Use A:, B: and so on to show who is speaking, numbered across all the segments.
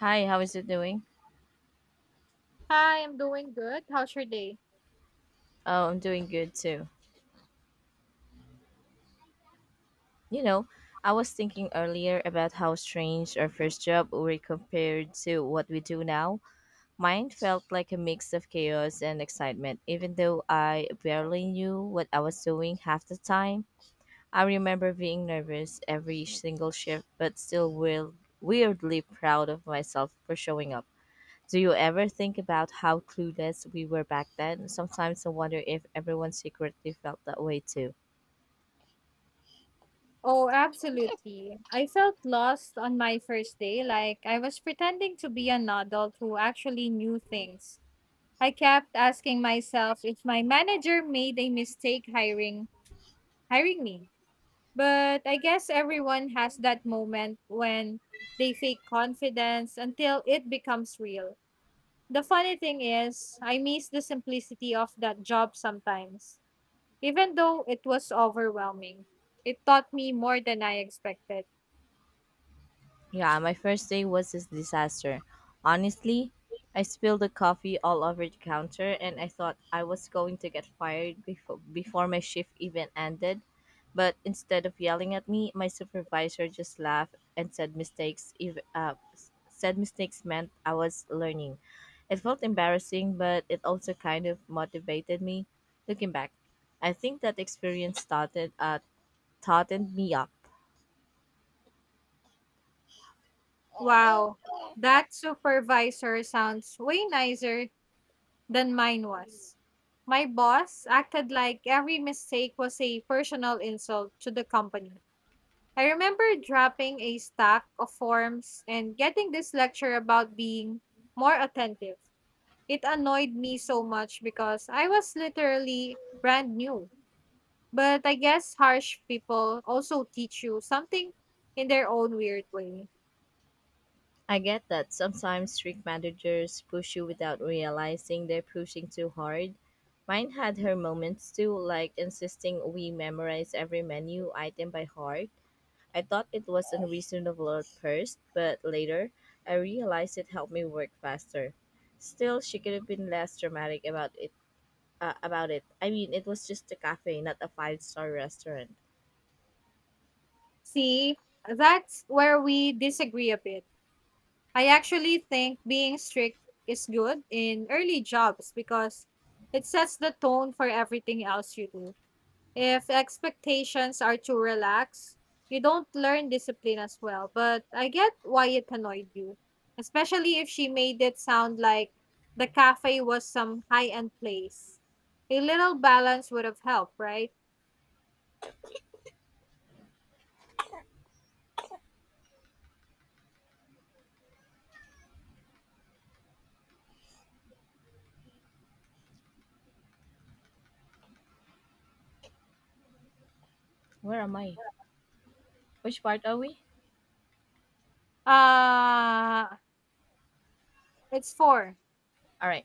A: Hi, how is it doing?
B: Hi, I'm doing good. How's your day?
A: Oh, I'm doing good too. You know, I was thinking earlier about how strange our first job were compared to what we do now. Mine felt like a mix of chaos and excitement, even though I barely knew what I was doing half the time. I remember being nervous every single shift, but still weirdly proud of myself for showing up. Do you ever think about how clueless we were back then? Sometimes I wonder if everyone secretly felt that way too.
B: Oh, absolutely. I felt lost on my first day, like I was pretending to be an adult who actually knew things. I kept asking myself if my manager made a mistake hiring me. But I guess everyone has that moment when they fake confidence until it becomes real. The funny thing is, I miss the simplicity of that job sometimes. Even though it was overwhelming, it taught me more than I expected.
A: Yeah, my first day was a disaster. Honestly, I spilled the coffee all over the counter and I thought I was going to get fired before my shift even ended. But instead of yelling at me, my supervisor just laughed and said mistakes if s- said mistakes meant I was learning. It felt embarrassing, but it also kind of motivated me. Looking back, I think that experience started taught me up.
B: Wow, that supervisor sounds way nicer than mine was. My boss acted like every mistake was a personal insult to the company. I remember dropping a stack of forms and getting this lecture about being more attentive. It annoyed me so much because I was literally brand new. But I guess harsh people also teach you something in their own weird way.
A: I get that sometimes strict managers push you without realizing they're pushing too hard. Mine had her moments too, like insisting we memorize every menu item by heart. I thought it was unreasonable at first, but later I realized it helped me work faster. Still, she could have been less dramatic about it. I mean, it was just a cafe, not a five-star restaurant.
B: See, that's where we disagree a bit. I actually think being strict is good in early jobs because it sets the tone for everything else you do. If expectations are too relaxed, you don't learn discipline as well. But I get why it annoyed you, especially if she made it sound like the cafe was some high end place. A little balance would have helped, right?
A: Where am I? Which part are we?
B: Uh, it's four.
A: All right.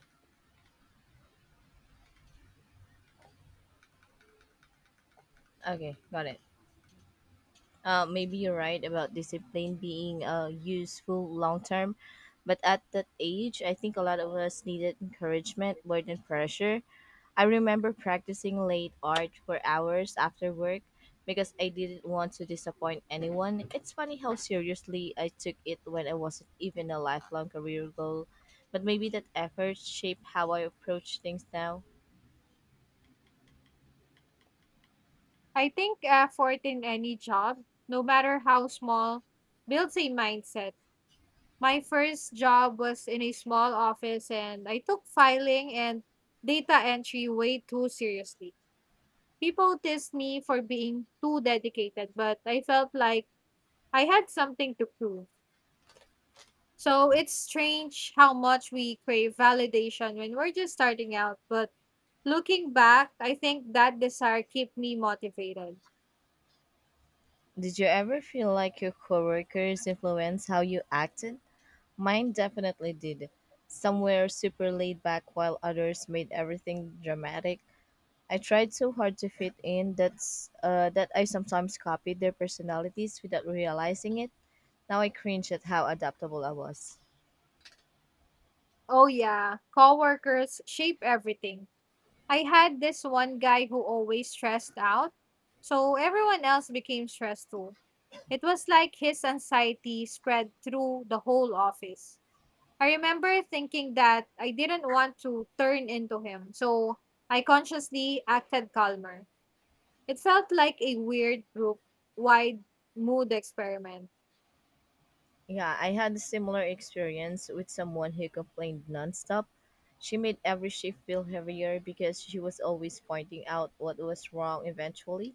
A: Okay, got it. Maybe you're right about discipline being useful long term, but at that age, I think a lot of us needed encouragement more than pressure. I remember practicing late art for hours after work because I didn't want to disappoint anyone. It's funny how seriously I took it when I wasn't even a lifelong career goal, but maybe that effort shaped how I approach things now.
B: I think effort in any job, no matter how small, builds a mindset. My first job was in a small office, and I took filing and data entry way too seriously. People teased me for being too dedicated, but I felt like I had something to prove. So it's strange how much we crave validation when we're just starting out. But looking back, I think that desire kept me motivated.
A: Did you ever feel like your coworkers influenced how you acted? Mine definitely did. Some were super laid back while others made everything dramatic. I tried so hard to fit in that I sometimes copied their personalities without realizing it. Now I cringe at how adaptable I was.
B: Oh, yeah, coworkers shape everything. I had this one guy who always stressed out, so everyone else became stressed too. It was like his anxiety spread through the whole office. I remember thinking that I didn't want to turn into him, so I consciously acted calmer. It felt like a weird group wide mood experiment.
A: Yeah, I had a similar experience with someone who complained nonstop. She made every shift feel heavier because she was always pointing out what was wrong eventually.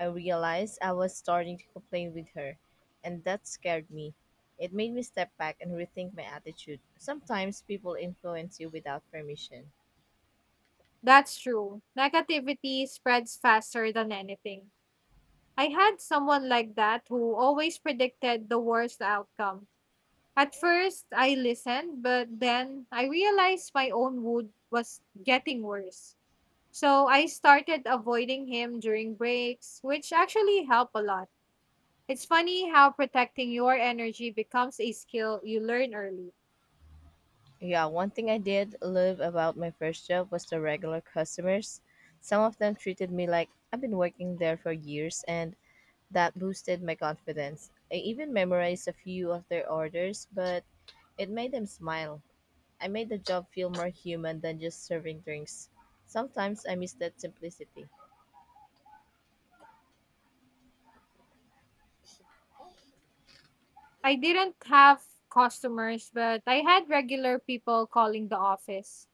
A: I realized I was starting to complain with her, and that scared me. It made me step back and rethink my attitude. Sometimes people influence you without permission.
B: That's true. Negativity spreads faster than anything. I had someone like that who always predicted the worst outcome. At first, I listened, but then I realized my own mood was getting worse. So I started avoiding him during breaks, which actually helped a lot. It's funny how protecting your energy becomes a skill you learn early.
A: Yeah, one thing I did love about my first job was the regular customers. Some of them treated me like I've been working there for years, and that boosted my confidence. I even memorized a few of their orders, but it made them smile. I made the job feel more human than just serving drinks. Sometimes I miss that simplicity.
B: I didn't have customers, but I had regular people calling the office.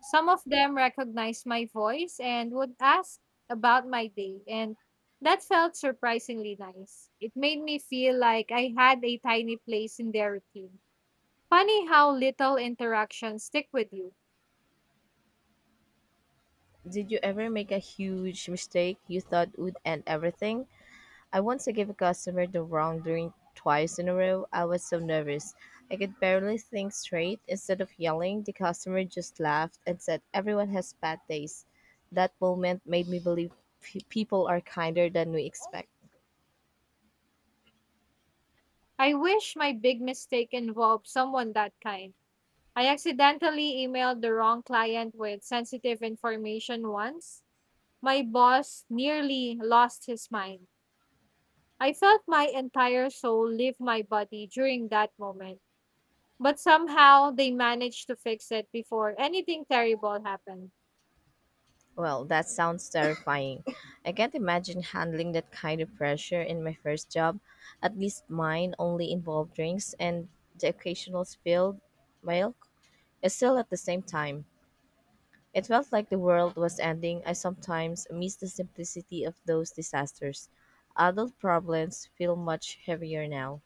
B: Some of them recognized my voice and would ask about my day, and that felt surprisingly nice. It made me feel like I had a tiny place in their routine. Funny how little interactions stick with you.
A: Did you ever make a huge mistake you thought would end everything? I once gave a customer the wrong drink twice in a row. I was so nervous. I could barely think straight. Instead of yelling, the customer just laughed and said, everyone has bad days. That moment made me believe people are kinder than we expect.
B: I wish my big mistake involved someone that kind. I accidentally emailed the wrong client with sensitive information once. My boss nearly lost his mind. I felt my entire soul leave my body during that moment. But somehow they managed to fix it before anything terrible happened.
A: Well, that sounds terrifying. I can't imagine handling that kind of pressure in my first job. At least mine only involved drinks and the occasional spilled milk. Yet still, at the same time, it felt like the world was ending. I sometimes miss the simplicity of those disasters. Adult problems feel much heavier now.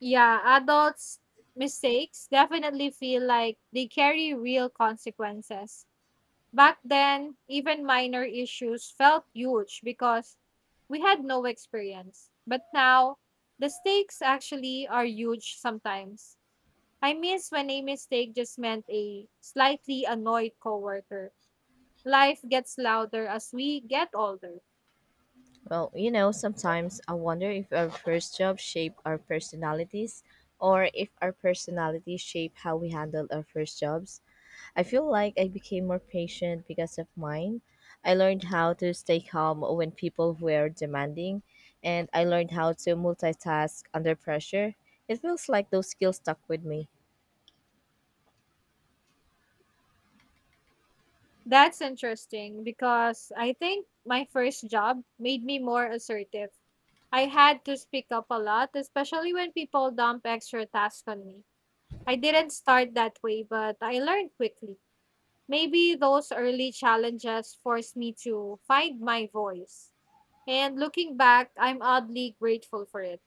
B: Yeah, adults' mistakes definitely feel like they carry real consequences. Back then, even minor issues felt huge because we had no experience. But now, the stakes actually are huge sometimes. I miss when a mistake just meant a slightly annoyed coworker. Life gets louder as we get older.
A: Well, you know, sometimes I wonder if our first job shaped our personalities or if our personalities shape how we handled our first jobs. I feel like I became more patient because of mine. I learned how to stay calm when people were demanding, and I learned how to multitask under pressure. It feels like those skills stuck with me.
B: That's interesting because I think my first job made me more assertive. I had to speak up a lot, especially when people dump extra tasks on me. I didn't start that way, but I learned quickly. Maybe those early challenges forced me to find my voice. And looking back, I'm oddly grateful for it.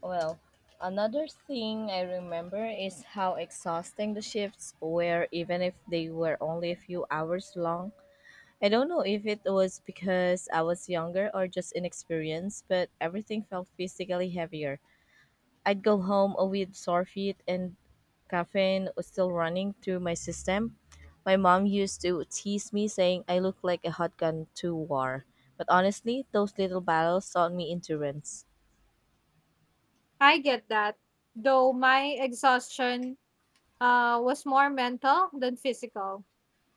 A: Well, another thing I remember is how exhausting the shifts were, even if they were only a few hours long. I don't know if it was because I was younger or just inexperienced, but everything felt physically heavier. I'd go home with sore feet and caffeine was still running through my system. My mom used to tease me saying I look like a hot gun to war. But honestly, those little battles taught me endurance.
B: I get that, though my exhaustion was more mental than physical.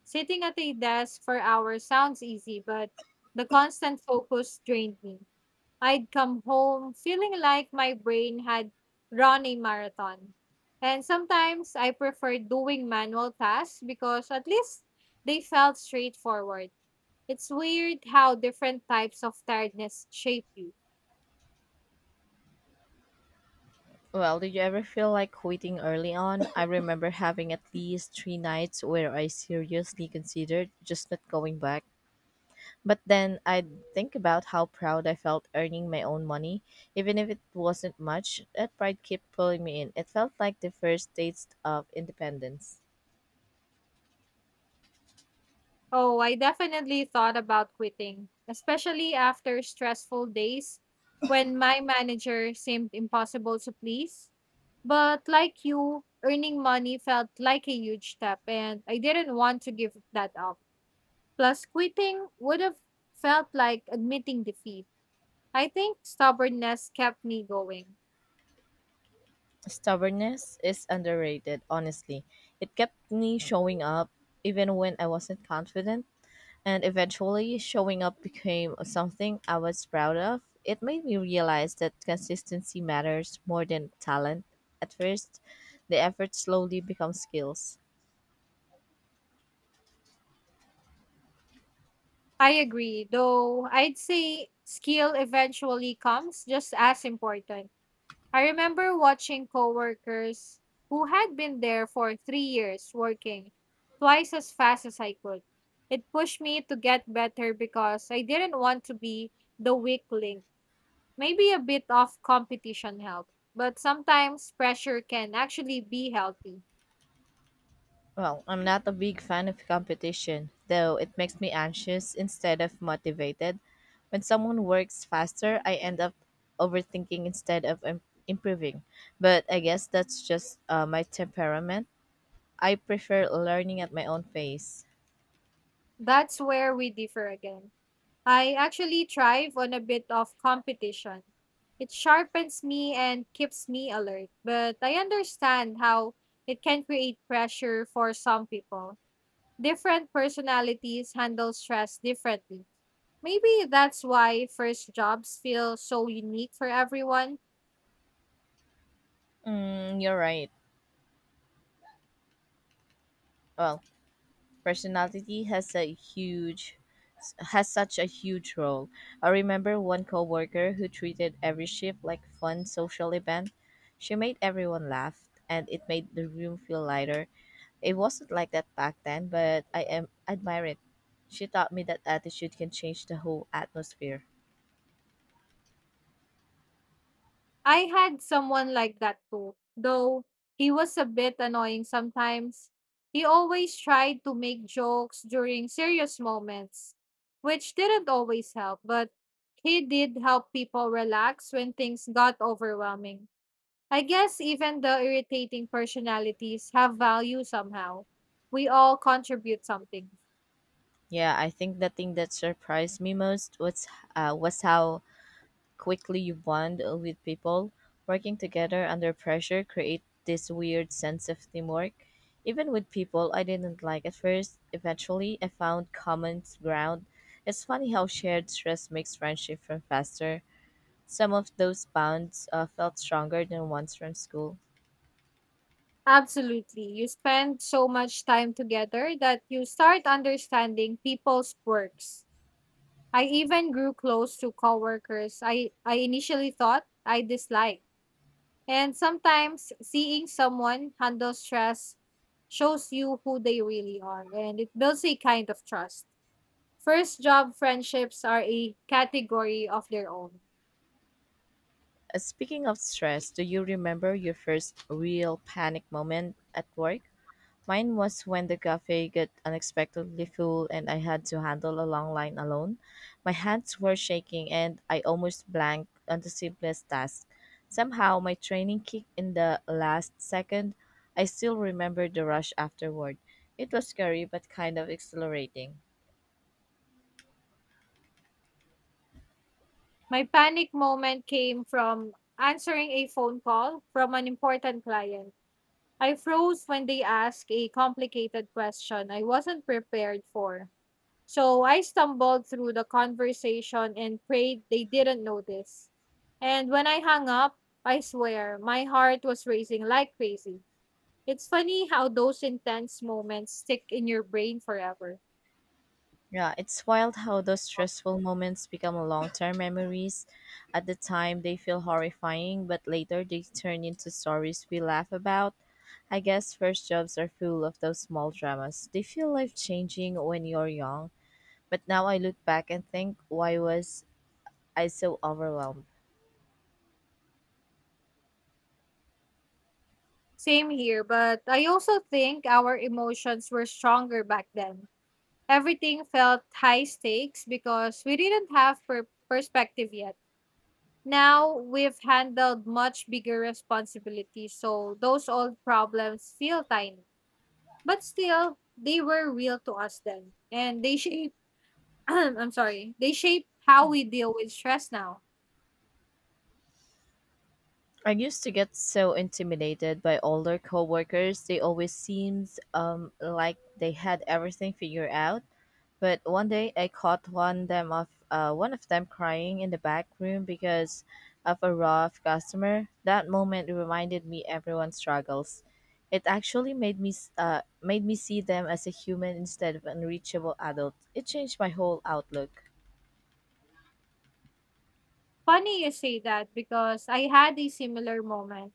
B: Sitting at a desk for hours sounds easy, but the constant focus drained me. I'd come home feeling like my brain had run a marathon. And sometimes I preferred doing manual tasks because at least they felt straightforward. It's weird how different types of tiredness shape you.
A: Well, did you ever feel like quitting early on? I remember having at least three nights where I seriously considered just not going back. But then I'd think about how proud I felt earning my own money, even if it wasn't much. That pride kept pulling me in. It felt like the first taste of independence.
B: Oh, I definitely thought about quitting, especially after stressful days when my manager seemed impossible to please. But like you, earning money felt like a huge step, and I didn't want to give that up. Plus, quitting would have felt like admitting defeat. I think stubbornness kept me going.
A: Stubbornness is underrated, honestly. It kept me showing up even when I wasn't confident, and eventually showing up became something I was proud of. It made me realize that consistency matters more than talent. At first, the effort slowly becomes skills.
B: I agree, though I'd say skill eventually comes just as important. I remember watching coworkers who had been there for 3 years working twice as fast as I could. It pushed me to get better because I didn't want to be the weak link. Maybe a bit of competition helped, but sometimes pressure can actually be healthy.
A: Well, I'm not a big fan of competition, though it makes me anxious instead of motivated. When someone works faster, I end up overthinking improving. But I guess that's just my temperament. I prefer learning at my own pace.
B: That's where we differ again. I actually thrive on a bit of competition. It sharpens me and keeps me alert, but I understand how it can create pressure for some people. Different personalities handle stress differently. Maybe that's why first jobs feel so unique for everyone.
A: Mm, you're right. Well, personality has such a huge role. I remember one coworker who treated every shift like fun social event. She made everyone laugh and it made the room feel lighter. It wasn't like that back then, but I am admire it. She taught me that attitude can change the whole atmosphere.
B: I had someone like that too, though he was a bit annoying sometimes. He always tried to make jokes during serious moments, which didn't always help, but he did help people relax when things got overwhelming. I guess even the irritating personalities have value somehow. We all contribute something.
A: Yeah, I think the thing that surprised me most was how quickly you bond with people. Working together under pressure create this weird sense of teamwork. Even with people I didn't like at first, eventually I found common ground. It's funny how shared stress makes friendship from faster. Some of those bonds felt stronger than ones from school.
B: Absolutely. You spend so much time together that you start understanding people's quirks. I even grew close to coworkers I initially thought I disliked. And sometimes seeing someone handle stress shows you who they really are and it builds a kind of trust. First job friendships are a category of their own.
A: Speaking of stress, do you remember your first real panic moment at work? Mine was when the cafe got unexpectedly full and I had to handle a long line alone. My hands were shaking and I almost blanked on the simplest task. Somehow, my training kicked in the last second. I still remember the rush afterward. It was scary but kind of exhilarating.
B: My panic moment came from answering a phone call from an important client. I froze when they asked a complicated question I wasn't prepared for. So I stumbled through the conversation and prayed they didn't notice. And when I hung up, I swear, my heart was racing like crazy. It's funny how those intense moments stick in your brain forever.
A: Yeah, it's wild how those stressful moments become long term memories. At the time, they feel horrifying, but later they turn into stories we laugh about. I guess first jobs are full of those small dramas. They feel life changing when you're young, but now I look back and think, why was I so overwhelmed?
B: Same here, but I also think our emotions were stronger back then. Everything felt high stakes because we didn't have perspective yet. Now we've handled much bigger responsibilities, so those old problems feel tiny. But still, they were real to us then, and they shape I'm sorry, they shape how we deal with stress now.
A: I used to get so intimidated by older coworkers. They always seemed like they had everything figured out. But one day I caught one of them crying in the back room because of a rough customer. That moment reminded me everyone struggles. It actually made me see them as a human instead of unreachable adult. It changed my whole outlook.
B: Funny you say that because I had a similar moment.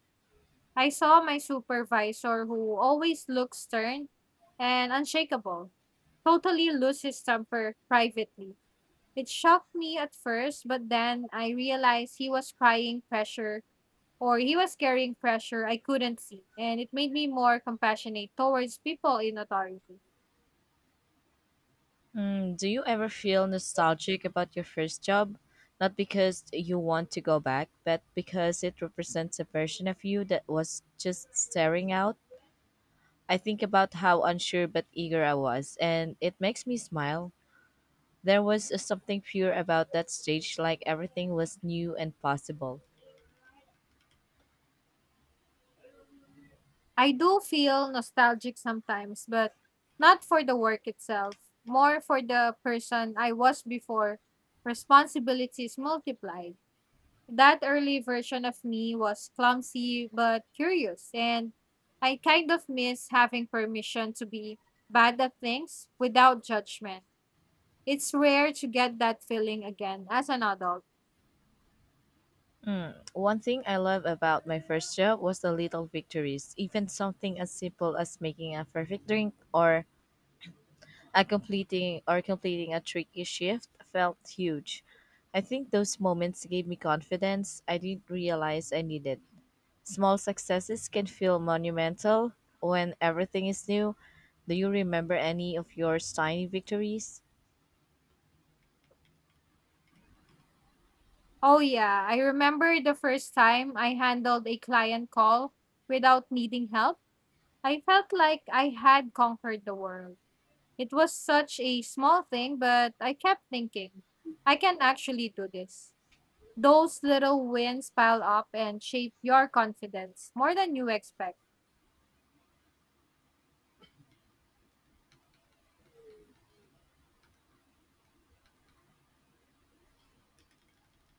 B: I saw my supervisor who always looks stern and unshakable, totally lose his temper privately. It shocked me at first, but then I realized he was carrying pressure I couldn't see, and it made me more compassionate towards people in authority.
A: Mm, do you ever feel nostalgic about your first job? Not because you want to go back, but because it represents a version of you that was just staring out. I think about how unsure but eager I was, and it makes me smile. There was a something pure about that stage, like everything was new and possible.
B: I do feel nostalgic sometimes, but not for the work itself, more for the person I was before responsibilities multiplied. That early version of me was clumsy but curious, and I kind of miss having permission to be bad at things without judgment. It's rare to get that feeling again as an adult.
A: One thing I love about my first job was the little victories, even something as simple as making a perfect drink or a completing or completing a tricky shift felt huge. I think those moments gave me confidence I didn't realize I needed. Small successes can feel monumental when everything is new. Do you remember any of your tiny victories?
B: Oh, yeah, I remember the first time I handled a client call without needing help. I felt like I had conquered the world. It was such a small thing, but I kept thinking, I can actually do this. Those little wins pile up and shape your confidence more than you expect.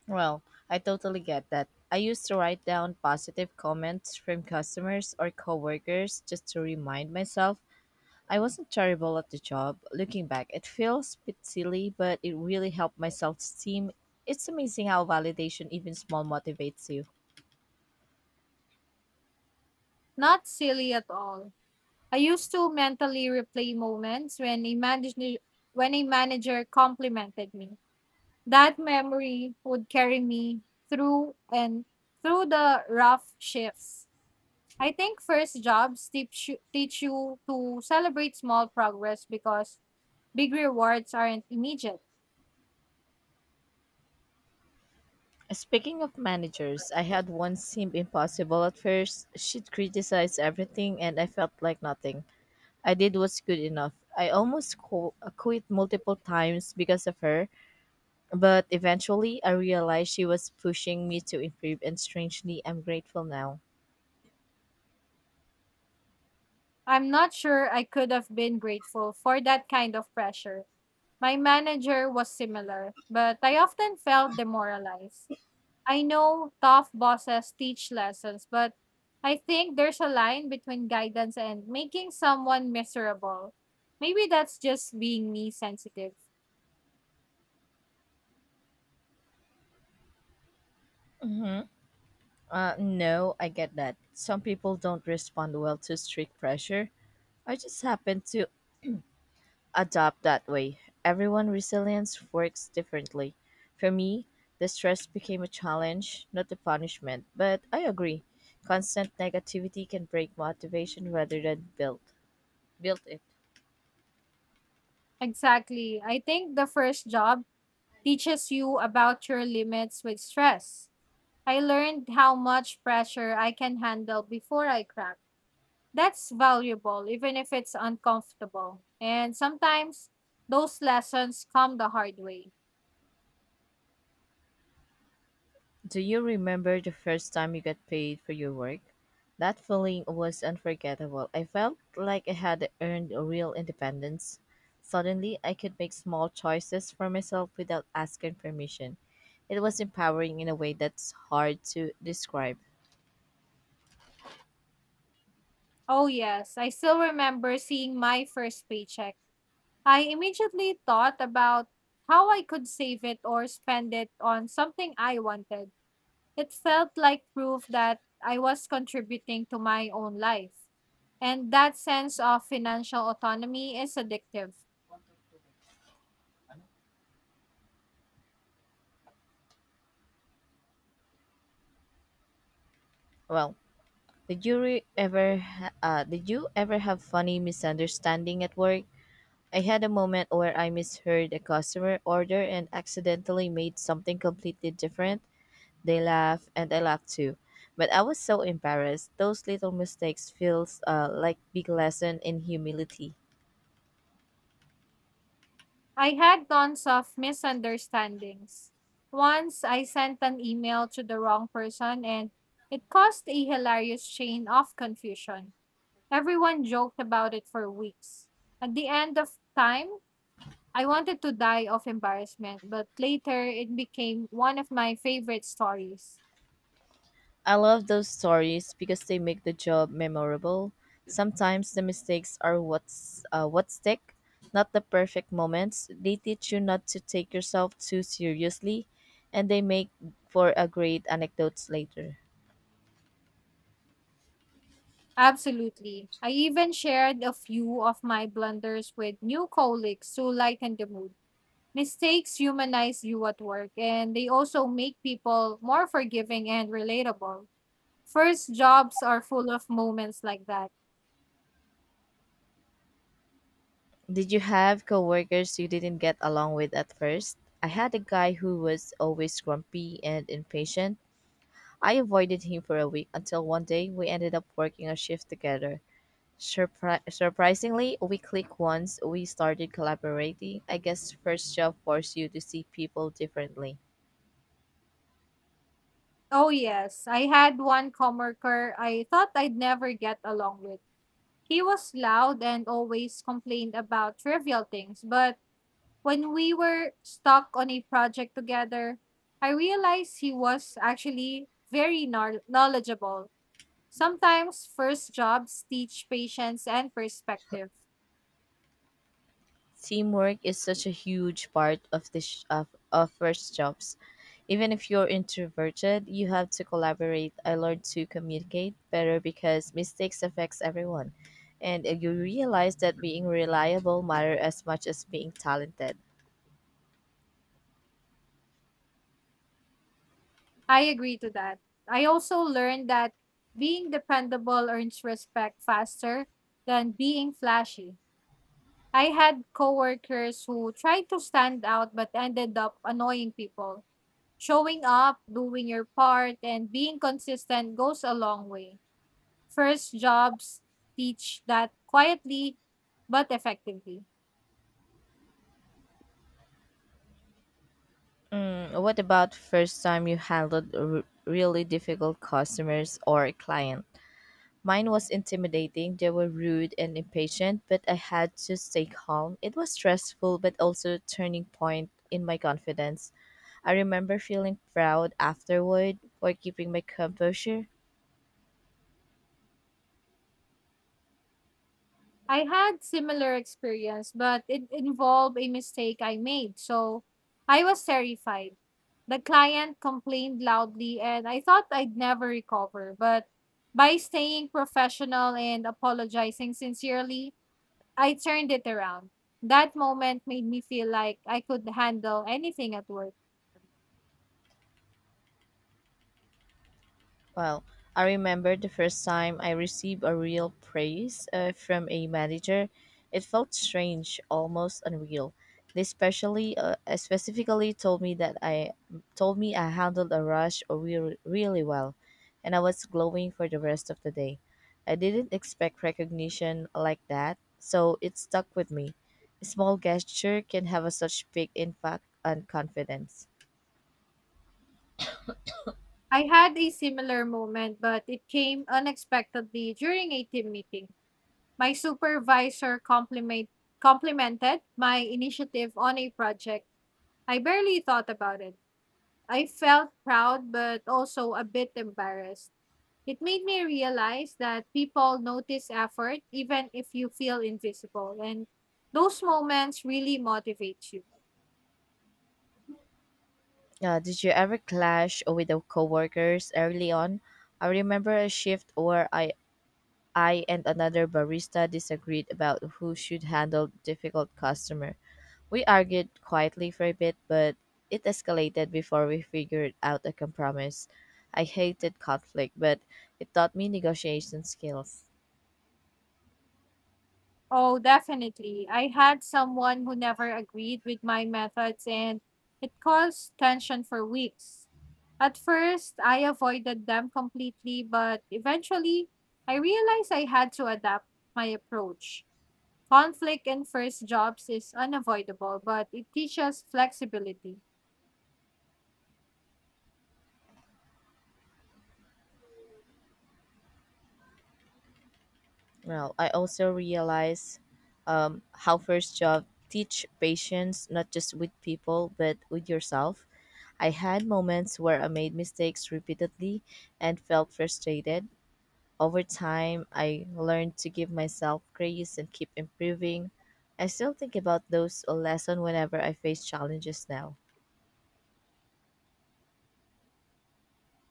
A: Well, I totally get that. I used to write down positive comments from customers or coworkers just to remind myself I wasn't terrible at the job. Looking back, it feels a bit silly, but it really helped my self-esteem. It's amazing how validation, even small, motivates you.
B: Not silly at all. I used to mentally replay moments when a manager complimented me. That memory would carry me through and through the rough shifts. I think first jobs teach you to celebrate small progress because big rewards aren't immediate.
A: Speaking of managers, I had one seemed impossible at first. She'd criticize everything and I felt like nothing. I did what's good enough. I almost quit multiple times because of her, but eventually I realized she was pushing me to improve and strangely I'm grateful now.
B: I'm not sure I could have been grateful for that kind of pressure. My manager was similar, but I often felt demoralized. I know tough bosses teach lessons, but I think there's a line between guidance and making someone miserable. Maybe that's just being me sensitive.
A: Mm-hmm. No, I get that. Some people don't respond well to strict pressure. I just happen to adapt that way. Everyone resilience works differently. For me, the stress became a challenge, not a punishment. But I agree, constant negativity can break motivation rather than build it.
B: Exactly. I think the first job teaches you about your limits with stress. I learned how much pressure I can handle before I crack. That's valuable, even if it's uncomfortable. And sometimes those lessons come the hard way.
A: Do you remember the first time you got paid for your work? That feeling was unforgettable. I felt like I had earned a real independence. Suddenly, I could make small choices for myself without asking permission. It was empowering in a way that's hard to describe.
B: Oh, yes, I still remember seeing my first paycheck. I immediately thought about how I could save it or spend it on something I wanted. It felt like proof that I was contributing to my own life. And that sense of financial autonomy is addictive.
A: Well, did you re- ever ha- did you ever have funny misunderstanding at work? I had a moment where I misheard a customer order and accidentally made something completely different. They laugh and I laugh too. But I was so embarrassed. Those little mistakes feels like big lesson in humility.
B: I had tons of misunderstandings. Once I sent an email to the wrong person and it caused a hilarious chain of confusion. Everyone joked about it for weeks. At the end of time, I wanted to die of embarrassment, but later it became one of my favorite stories.
A: I love those stories because they make the job memorable. Sometimes the mistakes are what stick, not the perfect moments. They teach you not to take yourself too seriously, and they make for a great anecdotes later.
B: Absolutely. I even shared a few of my blunders with new colleagues to lighten the mood. Mistakes humanize you at work, and they also make people more forgiving and relatable. First jobs are full of moments like that.
A: Did you have coworkers you didn't get along with at first? I had a guy who was always grumpy and impatient. I avoided him for a week until one day we ended up working a shift together. Surprisingly, we clicked once we started collaborating. I guess first job forces you to see people differently.
B: Oh, yes. I had one coworker I thought I'd never get along with. He was loud and always complained about trivial things, but when we were stuck on a project together, I realized he was actually very knowledgeable. Sometimes first jobs teach patience and perspective.
A: Teamwork is such a huge part of of first jobs. Even if you're introverted, you have to collaborate. I learned to communicate better because mistakes affects everyone. And you realize that being reliable matter as much as being talented.
B: I agree to that. I also learned that being dependable earns respect faster than being flashy. I had coworkers who tried to stand out but ended up annoying people. Showing up, doing your part, and being consistent goes a long way. First jobs teach that quietly but effectively.
A: Mm, what about first time you handled a really difficult customers or client? Mine was intimidating. They were rude and impatient, but I had to stay calm. It was stressful, but also a turning point in my confidence. I remember feeling proud afterward for keeping my composure.
B: I had similar experience, but it involved a mistake I made, so I was terrified. The client complained loudly and I thought I'd never recover, but by staying professional and apologizing sincerely, I turned it around. That moment made me feel like I could handle anything at work.
A: Well, I remember the first time I received a real praise from a manager. It felt strange, almost unreal. They specifically told me that I told me I handled a rush really, really well, and I was glowing for the rest of the day. I didn't expect recognition like that, so it stuck with me. A small gesture can have a such big impact on confidence.
B: I had a similar moment, but it came unexpectedly during a team meeting. My complimented my initiative on a project. I barely thought about it. I felt proud, but also a bit embarrassed. It made me realize that people notice effort even if you feel invisible, and those moments really motivate you.
A: Did you ever clash with the coworkers early on? I remember a shift where I and another barista disagreed about who should handle difficult customer. We argued quietly for a bit, but it escalated before we figured out a compromise. I hated conflict, but it taught me negotiation skills.
B: Oh, definitely. I had someone who never agreed with my methods, and it caused tension for weeks. At first, I avoided them completely, but eventually, I realized I had to adapt my approach. Conflict in first jobs is unavoidable, but it teaches flexibility.
A: Well, I also realized how first job teach patience not just with people but with yourself. I had moments where I made mistakes repeatedly and felt frustrated. Over time, I learned to give myself grace and keep improving. I still think about those lessons whenever I face challenges now.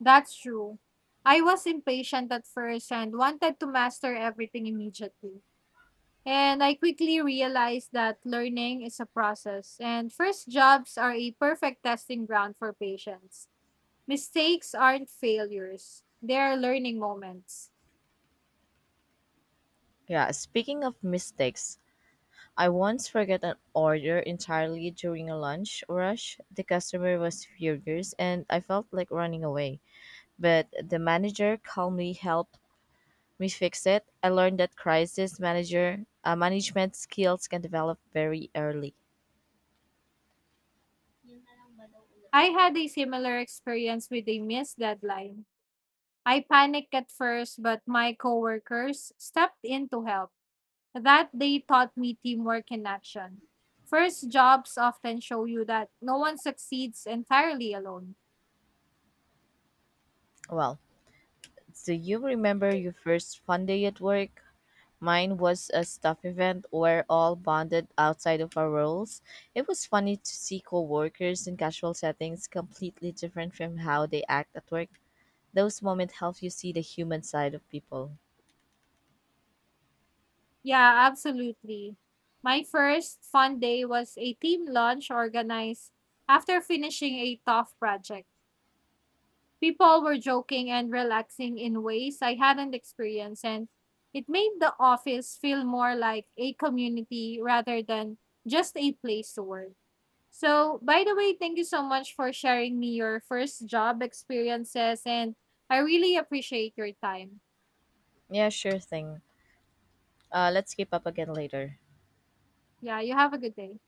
B: That's true. I was impatient at first and wanted to master everything immediately. And I quickly realized that learning is a process, and first jobs are a perfect testing ground for patience. Mistakes aren't failures, they are learning moments.
A: Yeah, speaking of mistakes, I once forgot an order entirely during a lunch rush. The customer was furious and I felt like running away. But the manager calmly helped me fix it. I learned that crisis manager management skills can develop very early.
B: I had a similar experience with a missed deadline. I panicked at first, but my coworkers stepped in to help. That they taught me teamwork in action. First jobs often show you that no one succeeds entirely alone.
A: Well, do you remember your first fun day at work? Mine was a staff event where all bonded outside of our roles. It was funny to see coworkers in casual settings completely different from how they act at work. Those moments help you see the human side of people.
B: Yeah, absolutely. My first fun day was a team lunch organized after finishing a tough project. People were joking and relaxing in ways I hadn't experienced, and it made the office feel more like a community rather than just a place to work. So, by the way, thank you so much for sharing me your first job experiences, and I really appreciate your time.
A: Yeah, sure thing. Let's keep up again later.
B: Yeah, you have a good day.